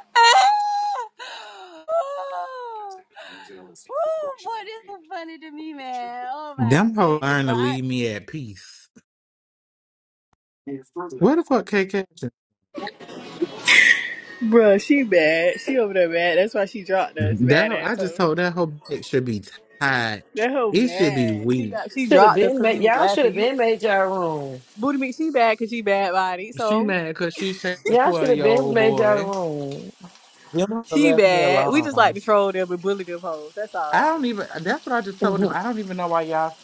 Oh, boy, this is funny to me, man. Oh my Them hoes goodness, learn to but I, leave me at peace. Where the fuck K K? Bruh, she mad. She over there mad. That's why she dropped us, That mad hoe- ass I just hoe. told that whole bitch should be tied. That hoe It should be mad. She weak. got she Should have dropped us been because made. we was Y'all should laughing. have You been made y'all room. booty meat, she bad because she bad body. She So mad cause she shaking a Y'all should twelve have year been old made y'all boy. room. Them hoes she left me bad. We just like alone. to troll them and bully them hoes. That's I all. don't even. That's what I just told him. I don't even know why y'all.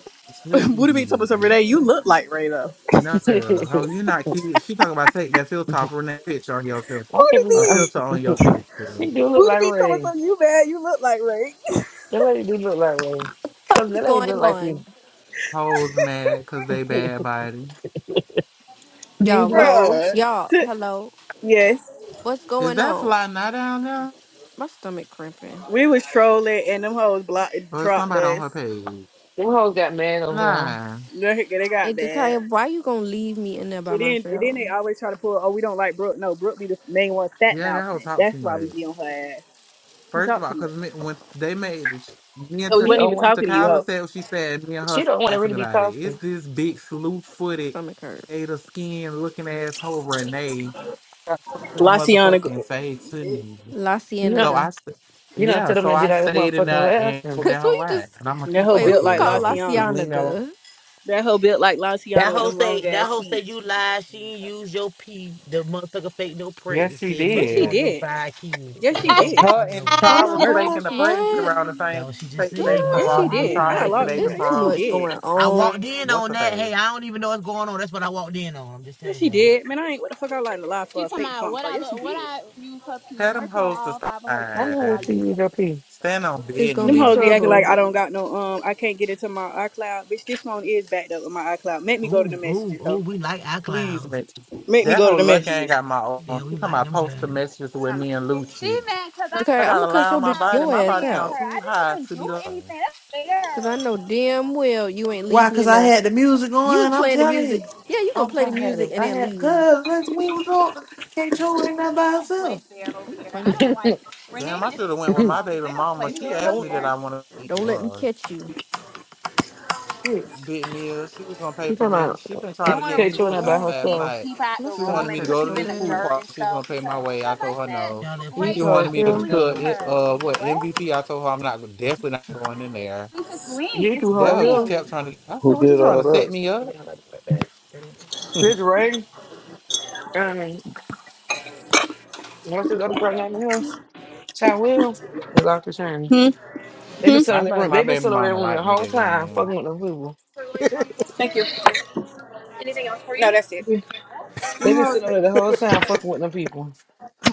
booty meat told us every sleeping. day, you look like Ray though. I No, can't girl. Ho, you not cute. She talking about take that filter off and that bitch on your filter. Booty even. A um, meat. filter on your picture. She do look Booty like meat told us Ray. you bad, you look like Ray. That lady do look like Ray. Cause that What's lady look going like you. on? Hoes mad cause they bad body. Y'all, These what's hoes. Bruh. y'all, T- hello? yes. What's Is going that on? fly not down there? My stomach cramping. We was trolling and them hoes blocked Or is dropped somebody on us. her page? Them hoes got mad over them. Nah. They they Hey got bad. Jakaya, why you gonna leave me in there by And then, and myself? then they My always try to pull, oh, we don't like Brooke. No, Brooke be the main one fat Yeah, that whole mouthing. talk That's too why we much. be on her ass. She First of talk all, too much. because when they made it, me and Cause we She Taka- wasn't don't even want. talking to you, Takala ho. said what she said, me and her She don't want to really laughing be about it. It's talking. this big, slew footed, stomach hurt. gator skin looking asshole You Renee got something to Laciana, motherfucking say to me. La know. So Cienega. I, st- You know. yeah, Sit up so and did I that stayed in motherfucking there and lesson. told Cause that who whole you lot. just And I'm going to that keep hoe wait, who built fucking you with like them call La hoes. Because Laciana. leave me alone. Cienega? That hoe built like That Laciana with whole them say long that ass whole say feet. you lied. She ain't use your pee. The motherfucker fake no Yes, she pregnancy. Yes, Merchant she did. on your did. five kids. Yes, That's she what that did. was Her saying over and there. Oh Char That's was my merch. faking the gosh, pregnancy what? around the same. That what she She just faked the Woo, baby said. from Yes, Merchant Ross she on and I'm your did. Char here. I five faked the locked. baby Yeah, It's kids. too yes, she from much did. going I walked on. in what's on the that. Hey, face? I don't even know what's going on. That's what I walked in on. I'm just Yes, telling she y'all. did. Man, I ain't what the fuck I lying to lie for She a talking fake about funk what for. I Yes, she look, what did. I use her pee Tell them merchant on hoes to all five of her I kids know that I what stand. used she her. is up here. Stand on It's gonna Them be business. hoes be acting like trouble. I don't got no um. I can't get into my iCloud. Bitch, this phone is backed up with my iCloud. Make me go to the Ooh, ooh, messages, ho. ooh. We like our Please, clouds. Mitch. Make me That go to whole the lucky ain't messages. got my own. Yeah, She we talking like about them post the kinds. messages with Talking me about, and she Lucci. mad because I Jakaya, I I'm gonna got a stopped lie cut on your my bit body. your My ass bullying body count out. her. I too didn't high even to do be lying. anything. That's Cause I fair. know I damn well you ain't Why? leave me Cause in I there. had the music You on. was I'm playing the telling music. you, Yeah, you gonna I'm play the trying to have music it. and I then had leave. cause let's we was on. Can't show ain't that by don't play herself. fair I'm over gonna there. I punch don't you. like Renee Damn, I need to should have went call with her you my phone because baby they don't mama. play We She done fair asked over left me Don't that there. on. I want to eat don't with let me her catch you. Shit, big meal. She was gonna pay for talking me. about She been They trying to get want Kate to me showing up by since remove last pe- herself. night. people out My the She room wanted stomach and me to put hurts go to so people in this the pool bad. dirt and party. She was gonna stuff pay because my way. I because I told her said no. Y'all left K Ray, These She two wanted stop hoes and me what you to here. call them? bullying cook I it. her. Uh, what What? MVP? I told her I'm not definitely not going in there. If it's link, You it's two hoes Dad just here. kept bullying. trying to. I said, Who "What you did trying all to that? set was me up?" like, It's I Ray. Um, what's this other girl name? in house? Child Will. We lost her training. Hmm. They been Hmm. sitting in that think room. my They been baby sitting over that mama room the like me whole time, again. fucking with them people. Thank you. Anything else for you? No, that's it. They Them been hoes, sitting over there the whole time, fucking with them people.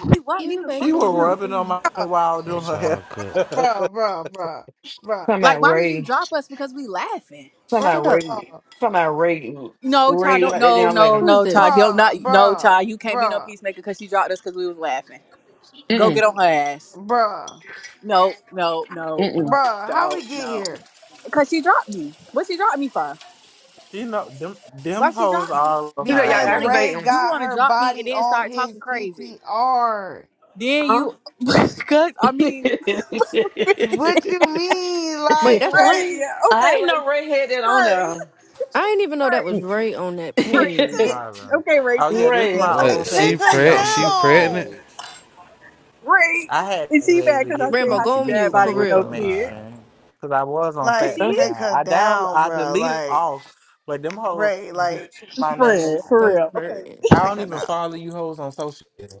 we wasn't You even ready she to fucking was with move them. rubbing on in? my while doing What's her Talking hair. all good? bruh, bruh, bruh, bruh, about Like, why did you Ray. drop us? Because we laughing. Talking about Shut up. bruh, Ray. bruh, Talking about Ray. No, Ty. Ray don't. like that No, down no, Who later. is no, Ty. this? don't bruh, not. No, Ty. you can't be no bruh, peacemaker because she dropped us because we was laughing. Go get Mm mm on her ass. bruh, No, no, no, mm mm. no, bruh. How we no, get no. here? Because she dropped me. What she dropped me for? she know them Why them she hoes dropped me? all know She how said And I y'all then Because give want it to up. you Ray aggravating. you got want to her drop me and body then on start his talking crazy. PTR. Then Huh? you because I mean What you mean, Wait, like that's Ray? Ray, Ray. Yeah. Okay, I ain't Ray. no redhead that Ray. on I didn't even know that was Ray. Ray on that Ray. d- there. page. Take. Hiram. Okay, Ray. Oh yeah, Take the this is Ray. damn my Like What? old picture. take She page. her See preg? on She this pregnant? down. page. Ray. I had Is to she be able mad to because I get said Rambo, how some go she on bad get mute some about for it with no real. My kid? information because I was on Cause Facts she Like Huh? is take account. her I down down, I bruh. deleted Like off, but them hoes Ray, just like took my name friend for on. stomach real. Okay, hurting. I take don't her even down. follow you hoes on social. media.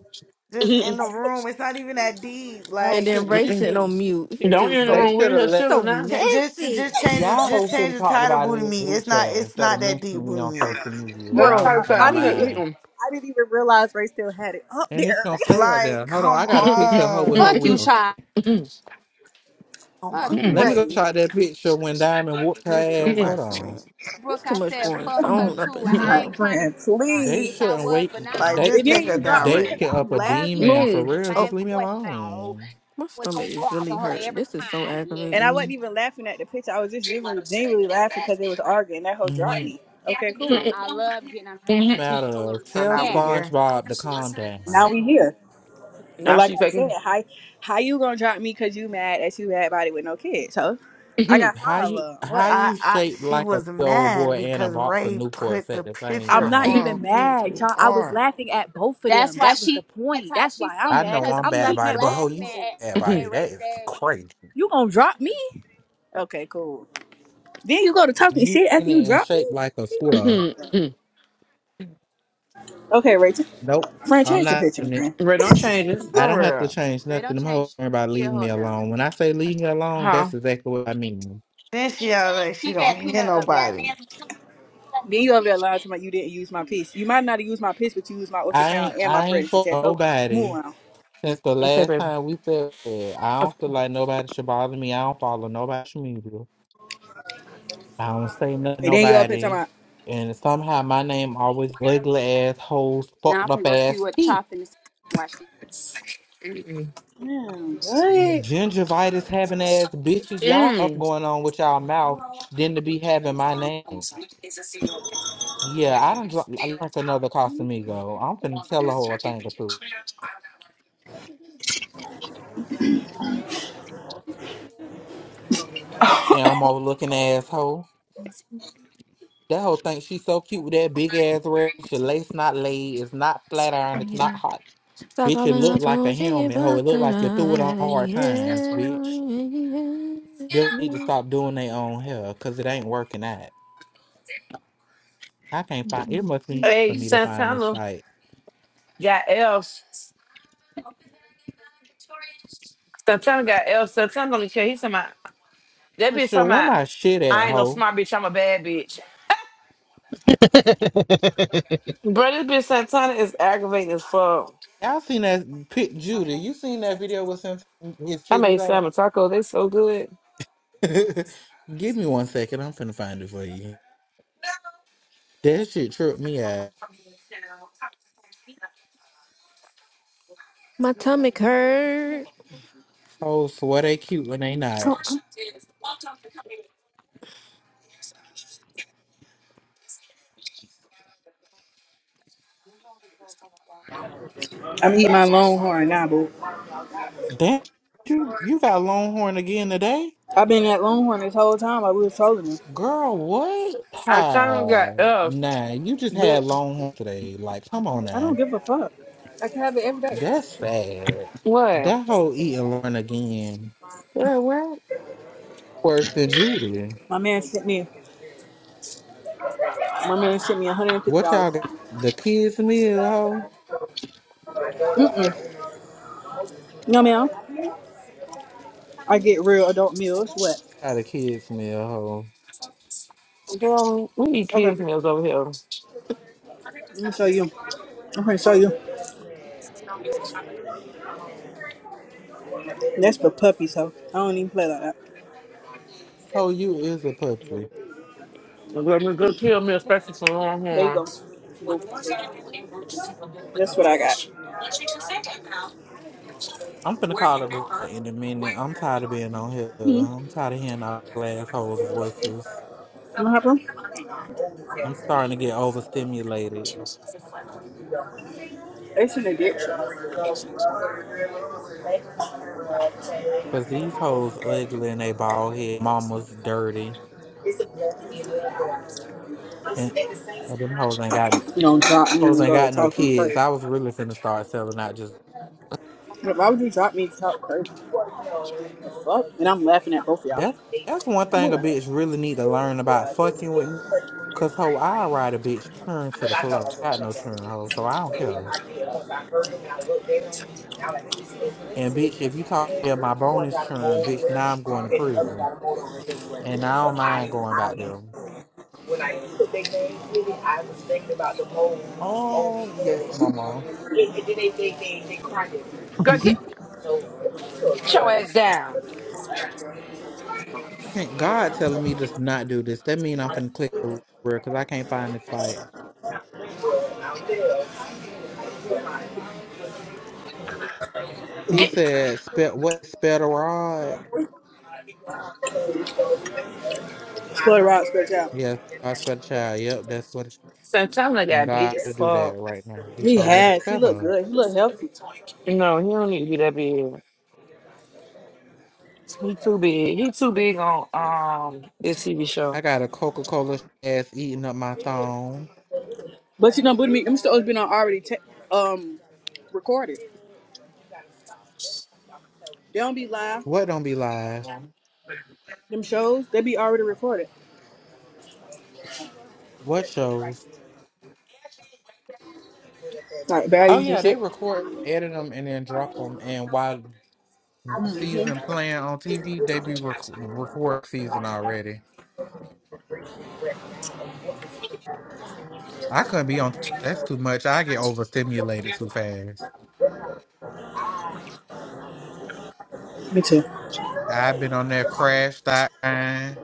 Just in the room. It's not even that deep. That hoe And like. then Ray she sitting should on she, mute. He she- Don't you just in the they so room should with have her he's let so children now. Ch- just messy. just change the y'all just hoes should change have the talked title about it booty in the me. group It's not chat it's instead not of that deep mentioning me booty on meat. social media. That's Y'all bro. how I say, not I, no I I'm didn't here even. mind, eating. I didn't even realize Ray still had it up and it's there. gonna stay up Like, there. Hold on, I come got a picture of her with her on. Fuck you, wig. child. Oh my Fuck god. you, Let Mm-mm. me bitch. go Ray. shot that picture when Diamond whooped This too her ass. Hold much for me. on. There's Brooke, too I much said going fuck Oh her on my up too, and and I ain't down. God, trying to get friend. out, They bitch. Please. I shouldn't was, wait. but now I Like They don't just And give then take a her you dropped down, fuck. me they Ray. because get up I'm a I'm gonna keep laughing. demon for Moon. asking the real. Oh, Just same leave me question. alone. my It's stomach gonna is bother really her hurt. every This is so time, bitch? And I aggravating wasn't me. even laughing at the picture. I was just genuinely, genuinely laughing because they was arguing. That hoe dropped Mhm. me. Okay, cool. I love getting on her, Matter her little of So tell now we skin. here. SpongeBob to calm down. Now we here. And now like she I said, faking. how how you gonna drop me because you mad that you had body with no kids? So I got How five of you 'em. how What? I, you I shaped she like a was big old mad boy and a because box of Ray Newports put the at the same I'm picture not time? even on mad, Gucci y'all. I was R laughing at both of That's them. why That was the she point. anti. That's She why I'm said I mad know because because I'm we I'm bad keep laughing body, at but both oh, of you laughing you. bad at, at body. Ray That is say crazy. You gonna drop me? Okay, cool. Then you go to talking You shit after in you it and drop shaped me. like a You got me square. fucked up. Okay, Rachel. Nope, Friend, I'm change the not. picture, friend. Red don't change it. I don't For have to real. change Ray nothing. don't I'm change hoping about shit leaving me up though. alone. When I say leave me alone, that's How? exactly what I mean. Then she out like she Keep don't that hear peanut up though. nobody. Then you over there lying to my you didn't use my piece. You might not have used my piece, but you used my I ultrasound ain't and my I ain't pregnancy for test. So move nobody on. since the Okay, last baby. time we said that. I Okay. don't feel like nobody should bother me. I don't follow nobody's media. I don't say nothing to And then you up here talking nobody. about, And somehow my name always ugly ass assholes, Now I'm fucked finna up go see ass what teeth. Chop in the watch. This. man, what? Gingivitis having ass bitches, y'all stuff Mm. going on with y'all mouth than to be having my name. Yeah, I done dr- I like another Casamigo. I'm finna tell her whole thing or two. Elmo looking asshole. That whole thing, she's so cute with that big ass red. Your lace not laid. It's not flat I iron. It's need not it. hot. Stop Bitch, it calling her look like a phone. She get helmet. Ho, it fucked look like you threw it on tonight. hard times, Yeah, bitch. They need to yeah. stop doing their own hair because it ain't working out. I can't find it. Must be Hey, for me to find this Santana site. got L. Santana got L. Santana don't care. He's talking about. That For bitch sure. talking Where about, my shit I at, ain't no ho? smart bitch, I'm a bad bitch. Bro, this bitch Santana is aggravating as fuck. Y'all seen that pic, Judy? You seen that video with him, his I kid is made at? salmon tacos. They so good. Give me one second. I'm finna find it for you. That shit tripped me out. My tummy hurt. Oh, swear they cute when they not. Oh, I'm eating my Longhorn now, boo. Damn, you you got Longhorn again today, I've been at Longhorn this whole time while we were trolling them. girl. What? I Hi. trying got us, Nah, you just had but Longhorn today. Like, come on I don't now. give a fuck. I can have it every day. That's sad. what? That whole eating Longhorn again Girl, what? worse than Judy. My man sent me, my man sent me What y'all got? $150. The kids meal, ho? Mm-mm. No, ma'am. I get real adult meals. What? Got a kids meal, ho. Girl, we eat kids Okay. meals over here. Let me show you. I'm gonna show you. That's for puppies, so I don't even play like that. Ho, you is a puppy. Girl, we go kill me, especially from There you go. Longhorns. Boo. That's what I got. I'm finna call the girl in a minute. I'm tired of being on here. hmm I'm tired of hearing all the assholes' voices. What happened? I'm starting to get overstimulated. It's an addiction. Cause these hoes ugly and they bald head. Mama's dirty. And and them hoes ain't got You don't drop me hoes and ain't go to got no talking kids. crazy. I was really finna start selling out just Why would you drop me to talk crazy? The fuck? And I'm laughing at both of y'all. that's that's one I'm thing a moving. bitch really need to learn about fucking with me. Cause ho, I ride a bitch turn to the floor. Got no turn ho, so I don't care. And bitch, if you talk about my bonus churn, bitch, now I'm going to prison. And I don't mind going back there. Oh, yes, mama. Girl, get, get your ass down. I can't God telling me to not do this. That mean I'm finna click because I can't find this fight. He Get. said, "Spell what? Spell the rod? Spoiler Rob spread out. Yes, I spell the child. Yep, that's what." It, Santana and got big God as to do that fuck. right now. He He told me to has. He spell looked her. good. He looked healthy. No, he don't need to be that big. He too big. He too big on um this TV I show. got a Coca Cola ass eating up my thong. But you know, but me, them shows been on already ta um recorded. They don't be live. What don't be lies? Them shows, they be already recorded. What shows? Like Oh baddies and yeah, they shit. record, edit them, and then drop them. And while the season playing on TV, they be rec- record season already. I couldn't be on. That's too much. I get overstimulated too fast. Me too. I've been on there crashed out, crying,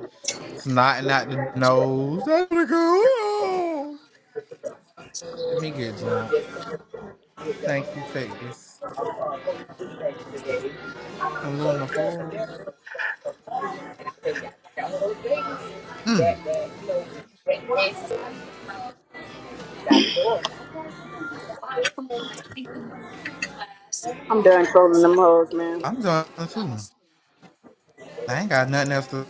snotting out the nose. I wanna go. Let me get drunk. Thank you, Stace. Some Luna Four. Mm, I'm done trolling them hoes, man. I'm done too. I ain't got nothing else to.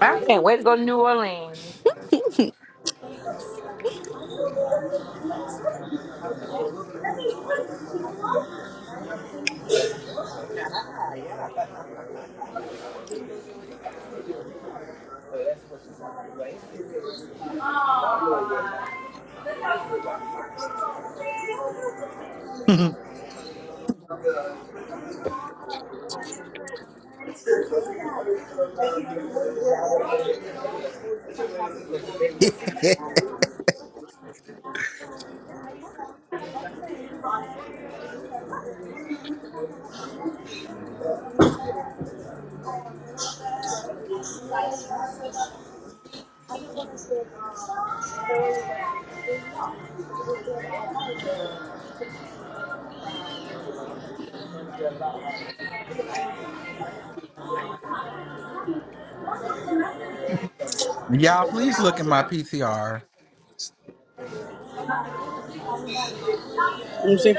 I can't wait to go to New Orleans. Y'all, please look at my PTR. You see?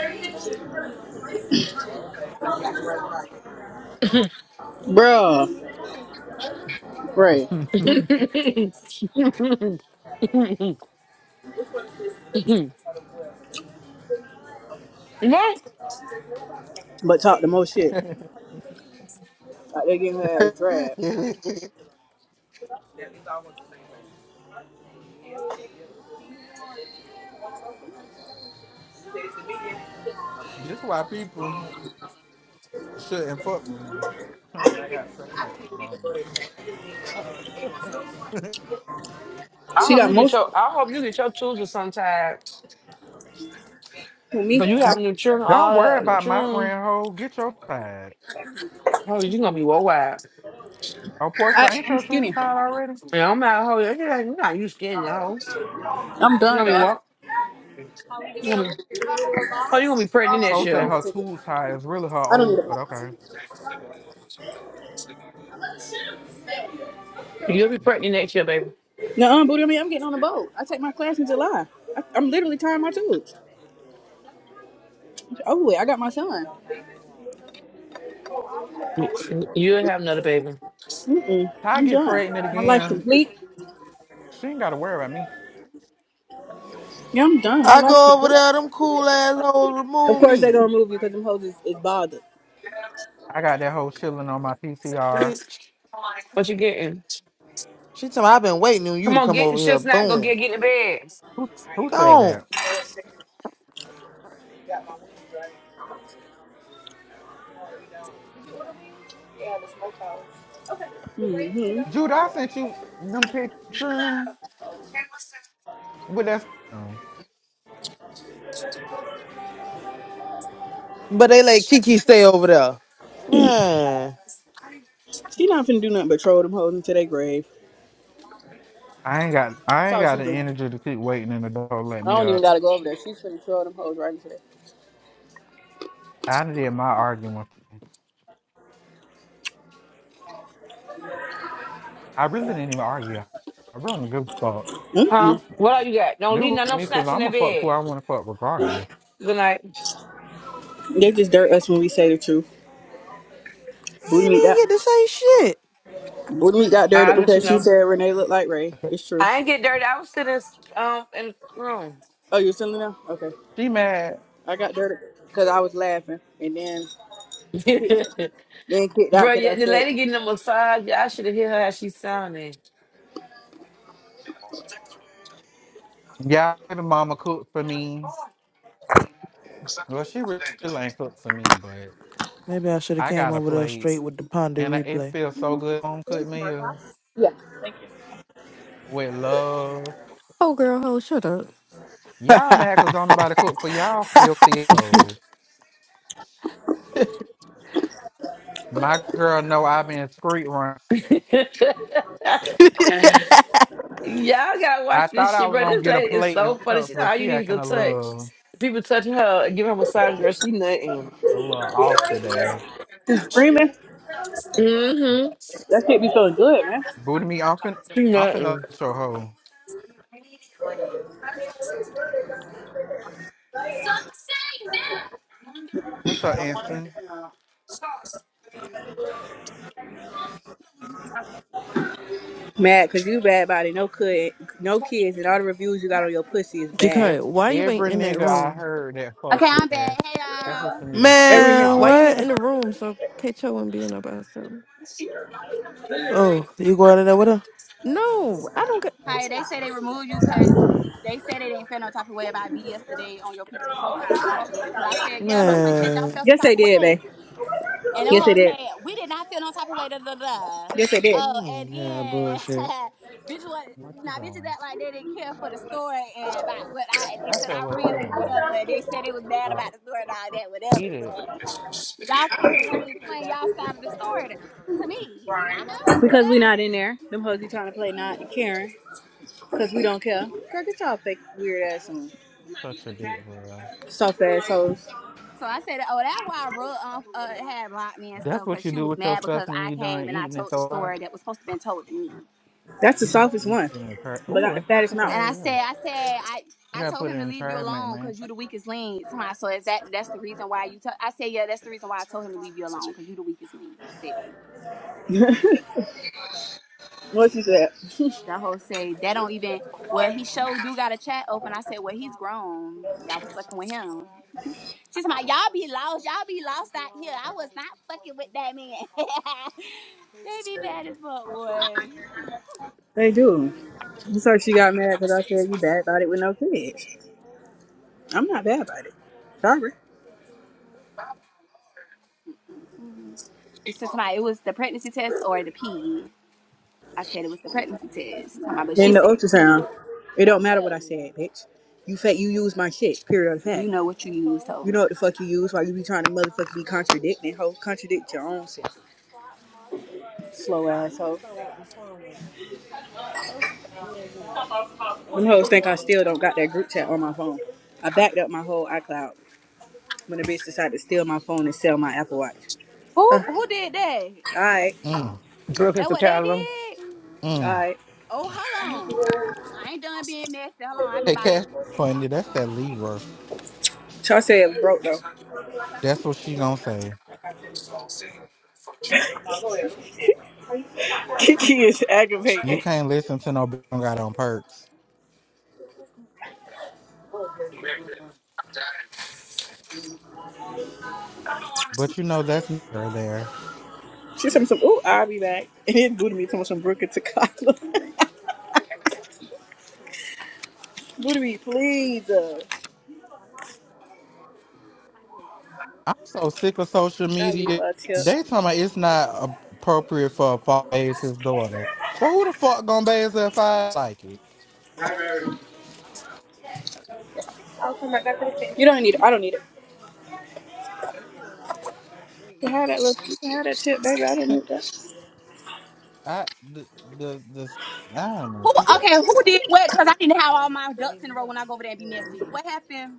Bruh. Right. what? But talk the most shit. Like they getting her ass dragged. This why people shouldn't fuck with me. And I got stuff like that on me. I She hope got you get most your I hope you get your children sometime. with me. But you have new children, Don't all worry that new about my children. friend Ho. Get your side. Oh, you gonna be worldwide. Oh, I, Portia, ain't I'm your tubes skinny. tied already? Yeah, I'm not hoe. You're not you not used to getting the hoes. I'm You done gonna be what? though. You gonna be oh you gonna be pregnant Ho next said year. her tubes tied is really her I don't need old, a but boat. okay. if You'll be pregnant next year, baby. No, booty on me. I'm getting on a boat. I take my class in July. I, I'm literally tying my tubes. Oh, wait, I got my son. You'll have another baby. Mm-mm. I I'm get done. pregnant My life again. complete. She ain't gotta worry about me. Yeah, I'm done. My I life go over complete. there, them cool assholes Of remove course me. they gonna move you because them hoes is, is bothered. I got that hoe chilling on my PCR. bitch. What you getting? She told me I've been waiting on you Come to on, come get the over here. shit's not gonna get Boom. get in the bed. Who who said Gone. that? hmm Jude, I sent you them picture with that. No, But they let Kiki stay over there. Man, She not finna do nothing but troll them hoes into their grave. I ain't got I That's ain't all got she's the doing. energy to keep waiting in the door. Let I me don't up. even gotta go over there. She's finna troll them hoes right into there. I did my argument. I really didn't even argue. I really didn't give a fuck. Huh? What all you got? Don't New leave none with of them me because snacks in I'm a that fuck who bed. I want to fuck regardless. Good night. They just dirt us when we say the truth. I Booty ain't meat even got get to say shit. Booty meat got dirted I'll let you because she know. said Renee looked like Ray. It's true. I ain't get dirty. I was sitting um in the room. Oh, you're still in there? Okay. She mad. I got dirted because I was laughing, and then Then kicked out Bro, yeah, because I the said, lady getting a massage. Y'all should have hear her how she sounding. Yeah, baby mama cooked for me. Well, she really ain't cooked for me, but Maybe I should have I came got a over there plate, straight with the ponder and I- it replay. feels so good. Home cooked meal with love. oh, girl, oh, shut up. Y'all mad cause don't nobody cook for y'all filthy hoes. My girl know i been street run. Y'all gotta I watch this thought I shit, was bro. gonna This get a lady is plate so and funny. help, She know but all you she need is acting a a touch. little, People touch her, and give her a massage, girl. She nothing. a little off today. you screaming? Mm-hmm. That shit be feeling good, man. Booty me off and She off and up nothing. your hoe. What's up, Anson? Mad because you bad body, no kid, no kids, and all the reviews you got on your pussy is bad. Every, Jakaya, why you ain't every in that nigga I room? heard that fuck Okay, you I'm back. ass, Hey that pussy y'all. need a fit Every Man, minute. thought. Why you ain't what? in the room so Kato wouldn't be in there by herself? Oh, you going in there with her? No, I don't get. Hi. They say they removed you because they said they didn't feel no type of way about me yesterday on your pizza profile picture. Because I said yeah, my friend said y'all Man, felt some Yes, type they of did, way. man. And them Yes, they hoes did. said, we did not feel no type of way, da da da. Yes, they did. Oh, and mm, yeah, that then bullshit. bitch was What you now bitches doing? act like they didn't care for the story and about what I they I said said I what ran you with doing. whatever and they said it was bad Uh, about the story and all that, eat whatever, it. but y'all come and want to explain y'all side of the story though. To me. I don't give a Because we fuck. not in there. Them hoes be trying to play not and caring. Because we don't care. Girl, get y'all fake weird ass on. Such a big girl. Soft ass hoes. So I said, Oh, that's why bro um, uh, had blocked me and That's stuff, what cause you she do was with your mad stuff because when I you done came and I eating it told the though. story that was supposed to been told to me. That's the softest You one. put it in the trash. But Oh, not the and she fattest took her mouth. And head, I yeah. said, I said, I You I gotta told put it him to in the leave you trash, man, alone man. because you the weakest link. Somebody, so is that that's the reason why you? tell I said, yeah, that's the reason why I told him to leave you alone because you the weakest link, baby. What she said? That whole say that don't even. Well, he showed do got a chat open. I said, well, he's grown. Y'all was fucking with him. She's like, y'all be lost. Y'all be lost out here. I was not fucking with that man. they be bad as fuck, boy. They do. So she got mad because I said you bad about it with no kids. I'm not bad about it. Sorry. Mm. This is my. It was the pregnancy test or the pee. I said it was the pregnancy test. Talking about, but she In the said pee. ultrasound, it don't matter what I said, bitch. You fa- you use my shit. Period of You fact. know what you used, You ho. know what the fuck you use while you be trying to motherfucking be contradicting, hoe. Contradict your own shit. Slow ass hoe. Them hoes think I still don't got that group chat on my phone. I backed up my whole iCloud when the bitch decided to steal my phone and sell my Apple Watch. Uh, Who who did that? alright, Mm, Brooklyn That for what they Callum. did? mm. alright. Oh, hold on. I ain't done being messy. Hold on. I be Hey, like, Cash Funny, that's that Libra. Char said it was broke though. That's what she gonna say. Kiki is You aggravating. can't listen to no bitch do got on perks. But you know that's never there. She said some, ooh, I'll be back. And then Booty Me told me some Brooke and Takala. Booty Me, please. Uh, I'm so sick of social I'll leave media. a tip. They talking about it's not appropriate for a father to bathe his daughter. Well, who the fuck gonna bathe her if I like it? You don't need it. I don't need it. You had that look. You had that tip, baby. I didn't need that. I the the, the I don't know. who? I'm Okay, who did what? Cause I didn't have all my ducks in a row when I go over there and be messy. So what happened?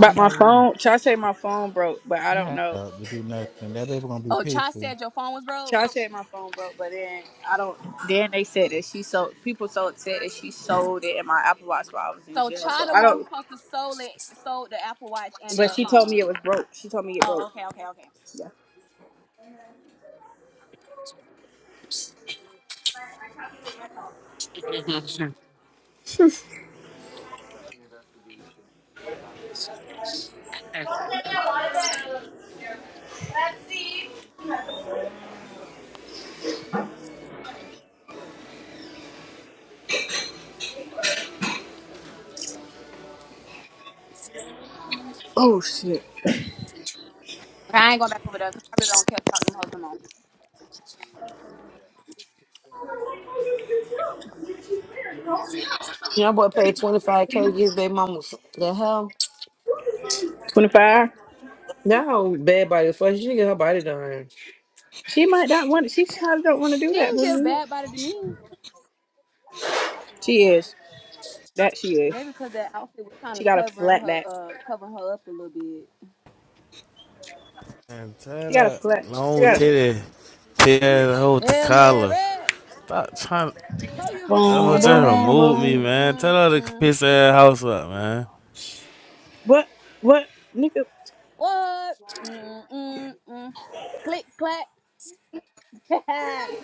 But my not even phone. Try say my phone broke, but I I'm don't not know. up to do nothing. That baby gonna be Oh, Cha pissy. said your phone was broke. Try said my phone broke, but then I don't. Then they said that she sold. People so upset that she sold it in my Apple Watch while I was in So jail. So Cha the I one don't. who's supposed to sold it, sold the Apple Watch and But the she told me phone. it was broke. She told me it Oh, broke. okay, okay, okay. Yeah. Oh shit. Okay, I ain't going back over there. 'cause I really don't care about them hoes no more. Your boy paid twenty five k to get his baby mama The hell. Twenty five. That whole bad body. Fuck, she should get her body done. She might not want. She probably don't want to do She that, didn't give but bad body to me. she is. That she is. Maybe because that outfit was kind She of got a covering flat her, back. uh, covering her up a little bit. And tell She got a that flex. She long got a titty, tell ass whole to Hail Mary. Stop trying. Told you bitch is Oh, boom, just scary. boom, remove me, boom. man. Tell her to Mm-mm-mm. piss that house up, man. What? What? Nigga. What? Mm-mm-mm. Click clack.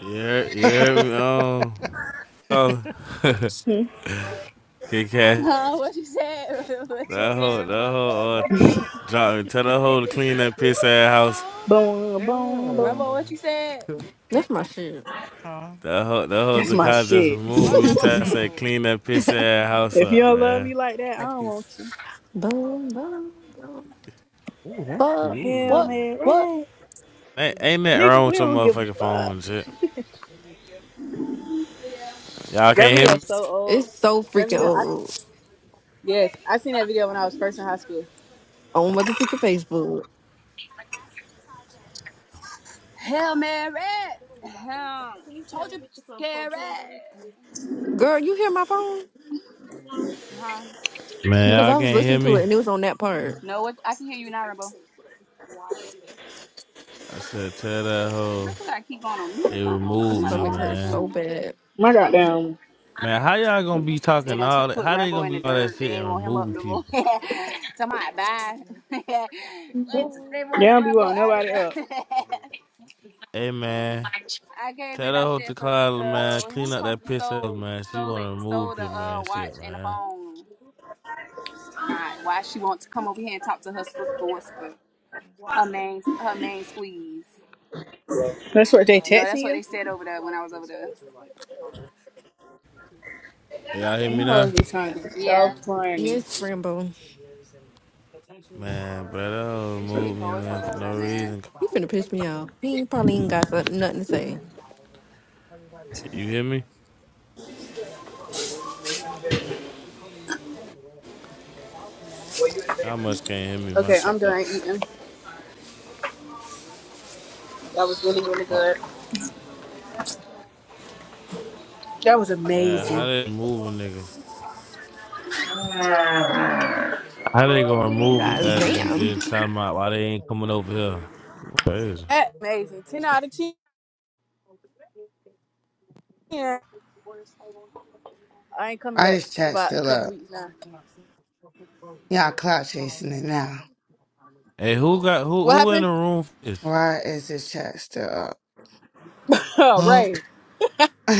You heard, you heard me? Um, oh, Kit Kat. Huh? what you said? what you That said, hoe, that Rambo? hoe, uh, just drop me. Tell that hoe to clean that piss ass house. Boom, boom, Yeah. boom. Rambo, what you said? That's my shit. Huh? That hoe, that hoe That's to Eat my it. just shit. remove What me. Rambo Tell her if boom, to said? clean that piss ass house you up, don't love me man. like that, I Not don't want piece. you. boom, boom. Ooh, that's Fuck. Hell, What? cute. man, What? right? Ain't, ain't that Nigga, wrong we with your don't give motherfucking a fuck. phone and shit? Y'all That can't hear me? video's so old. It's so That freaking video, I seen. old. Yes, I seen that video when I was first in high school. On what the freaking Facebook. Hail Mary. Um, told you bitch is scary. Girl, you hear my phone? Huh? Man, Because y'all I was can't hear listening to it me? and it was on that part. No, what? I can hear you now, Rambo. I said, tell that If hoe we gotta keep going on mute or they something, My removed somebody me, stomach over there or hurts man. so something. bad. My goddamn, Man, how y'all gonna be They talking done all took that? put How they Rambo gonna in the be all that dirt. They shit and ain't want him up removing no more. people? Somebody bye. it's, they they wanted don't be Rambo wanting out of nobody up. the. Hey, man, I gave tell it. that I hoe to said, so Clyde, man, uh, clean who's up supposed that to piss ass, stole man. She stole wanna it remove stole the him, uh man. watch Shit, and the man. phone? And to my why she want to come over here and talk to her sister? What's the her main her main squeeze? That's what they No, texting that's what you. they said over there when I was over there. Hey, Y'all hear You me now? hoes be trying to be so Yeah, funny. Yes, Rambo. Man, bro, that hoe this shit removed me, poet man, for over there, no man. reason. You finna piss me off. He ain't probably ain't got something, nothing to say. You hear me? Y'all must can't hear me. My Okay, shit I'm up. done eating. That was really, really Fuck. good. That was Yeah, amazing. how they remove a nigga? How they gonna remove God us and just time out? Why they ain't coming over here? Crazy. That amazing. Ten out of ten. I ain't coming Why back this for chat about a still couple up? weeks now. Y'all clout chasing it now. Hey, who got who What who in happened? the room for this? Why is this chat still up? Oh, Mm. right.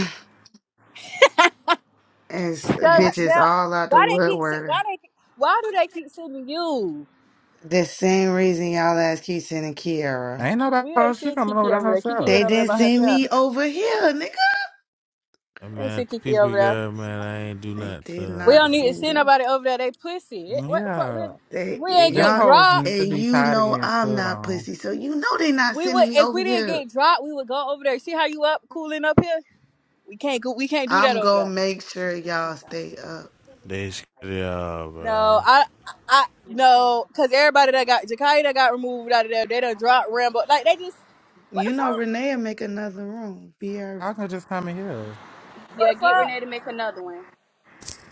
as Tell, bitches tell, all out the why they keep se- woodwork. why they why do they keep sending you? The same reason y'all asked Keaton and Kiara. Ain't We ain't nobody. She send coming over Kiki to over there. Kiki herself. went They over there didn't by send herself. me over here, nigga. Hey, We ain't man, send Kiki people over there. girl, man, I ain't do They nothing to did her, We not don't need man. to send me. send nobody over there. They pussy. It- What the fuck? We Yeah, if They we ain't them get y'all hoes dropped. need to and be you tired of know getting I'm stood not on. pussy, so you know they not We sending would me if over we didn't here. get dropped. We would go over there. See how you up cooling up here? We can't go. We can't do that I'm over there. gonna make sure y'all stay up. They scared y'all, No, bro. I, I no, cause everybody that got Jakai that got removed out of there, they done dropped Rambo. Like they just, what the You know fuck, Renee'll make another room. I can just come in here. what the Yeah, get fuck? Renee to make another one.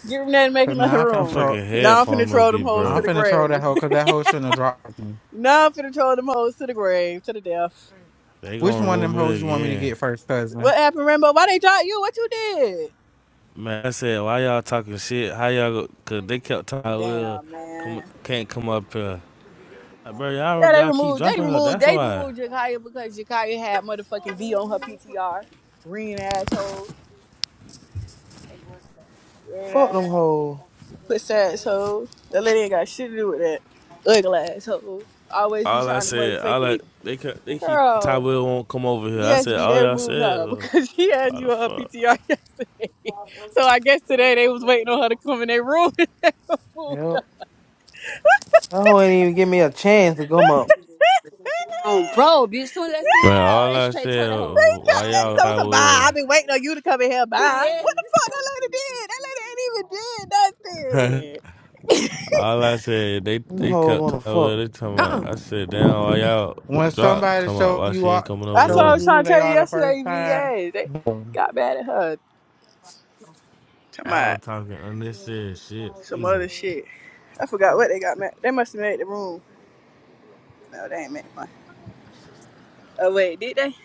Get them there and make Cause now another I'm My finna room. troll. fucking Now I'm headphone finna must troll be them hoes to I'm the broke. finna troll that grave. hoe because that hoe shouldn't have dropped me. now I'm finna troll them hoes to the grave, to the death. They Which gonna one of remove them hoes me you want me to again. get first, cousin? What happened, Rambo? Why they dropped you? What you did? Man, I said, why y'all talking shit? How y'all go? Cause they kept talking, well, Damn, come, man. can't come up here. Like, Bro, y'all, Yeah, they y'all keep removed, they dropping her. removed, That's they why. removed Jakaya because Jakaya had motherfucking V on her PTR. Green assholes. Fuck them hoes. Puss asshole. That lady ain't got shit to do with that. Ugly asshole. Always be All I trying to said, all I motherfucking they they keep Ty Girl. Will won't come over here. I Yes, said V, all they y'all removed said, her was, because she had why you the on her fuck, PTR yesterday. So I guess today they was waiting on her to come in their room. they got Yep. That hoe ain't even give me a chance to come up. Um, bro, bitch, soon as I see my man? dog, All they I straight told said, that hoe, was, why bye, that get the y'all so Ty fuck so up out of bye. I've here. Will? been waiting on you to come in here. Bye. Yeah. What the fuck that lady did? That lady ain't even did nothing. all I said, they Them they hoes kept wanna Ty Will. fuck. They talking about. Uh-uh. I said, damn, why y'all When drop? somebody Talking about show why you she ain't all, coming That's over what I shows here. was you who trying to they tell you are the first yesterday, V. time, Yes, they boom. got mad at her. Come on. Y'all talking unnecessary shit. some other Fusion. shit. I forgot what they got mad. They must have made the room. No, they ain't made one. Oh wait, did they?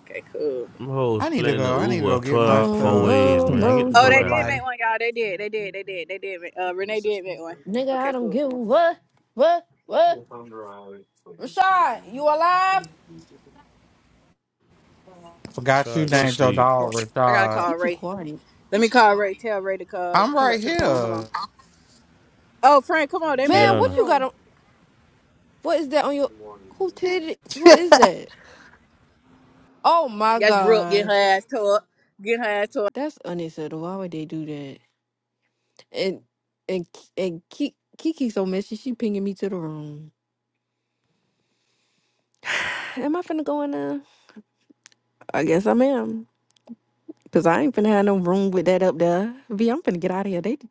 Okay, cool. Them hoes I need to splitting go. the I need to Uber go get twelve my hour Boom, four stuff. There's ways, too boom, man. much Get the to boom. Oh, do fuck they with out did of here. make life. one, y'all. They did. They did. They did. They did. Make, uh, Renee did make one. Nigga, I Okay, don't cool. give Come a on. what, what, what. Rashad, you alive? I forgot you Sorry, go to named You your sleep, too dog quiet. I gotta Richard. You call too Ray. quiet. Let me call Ray. Tell Ray to call. I'm Come back right to the phone. Hold here. on. Oh, Frank, come on. They made a Man, new Tiana. what you got room. on? What is that on your? Who did it? Who is that? Oh my That's Brooke getting her gosh, ass tore up. Getting her ass tore that's unacceptable. Why would they do that? And and and Ki- Kiki so messy. She pinging me to the room. Am I finna go in there? I guess I am. Cause I ain't finna have no room with that up there. V, I'm finna get out of here. They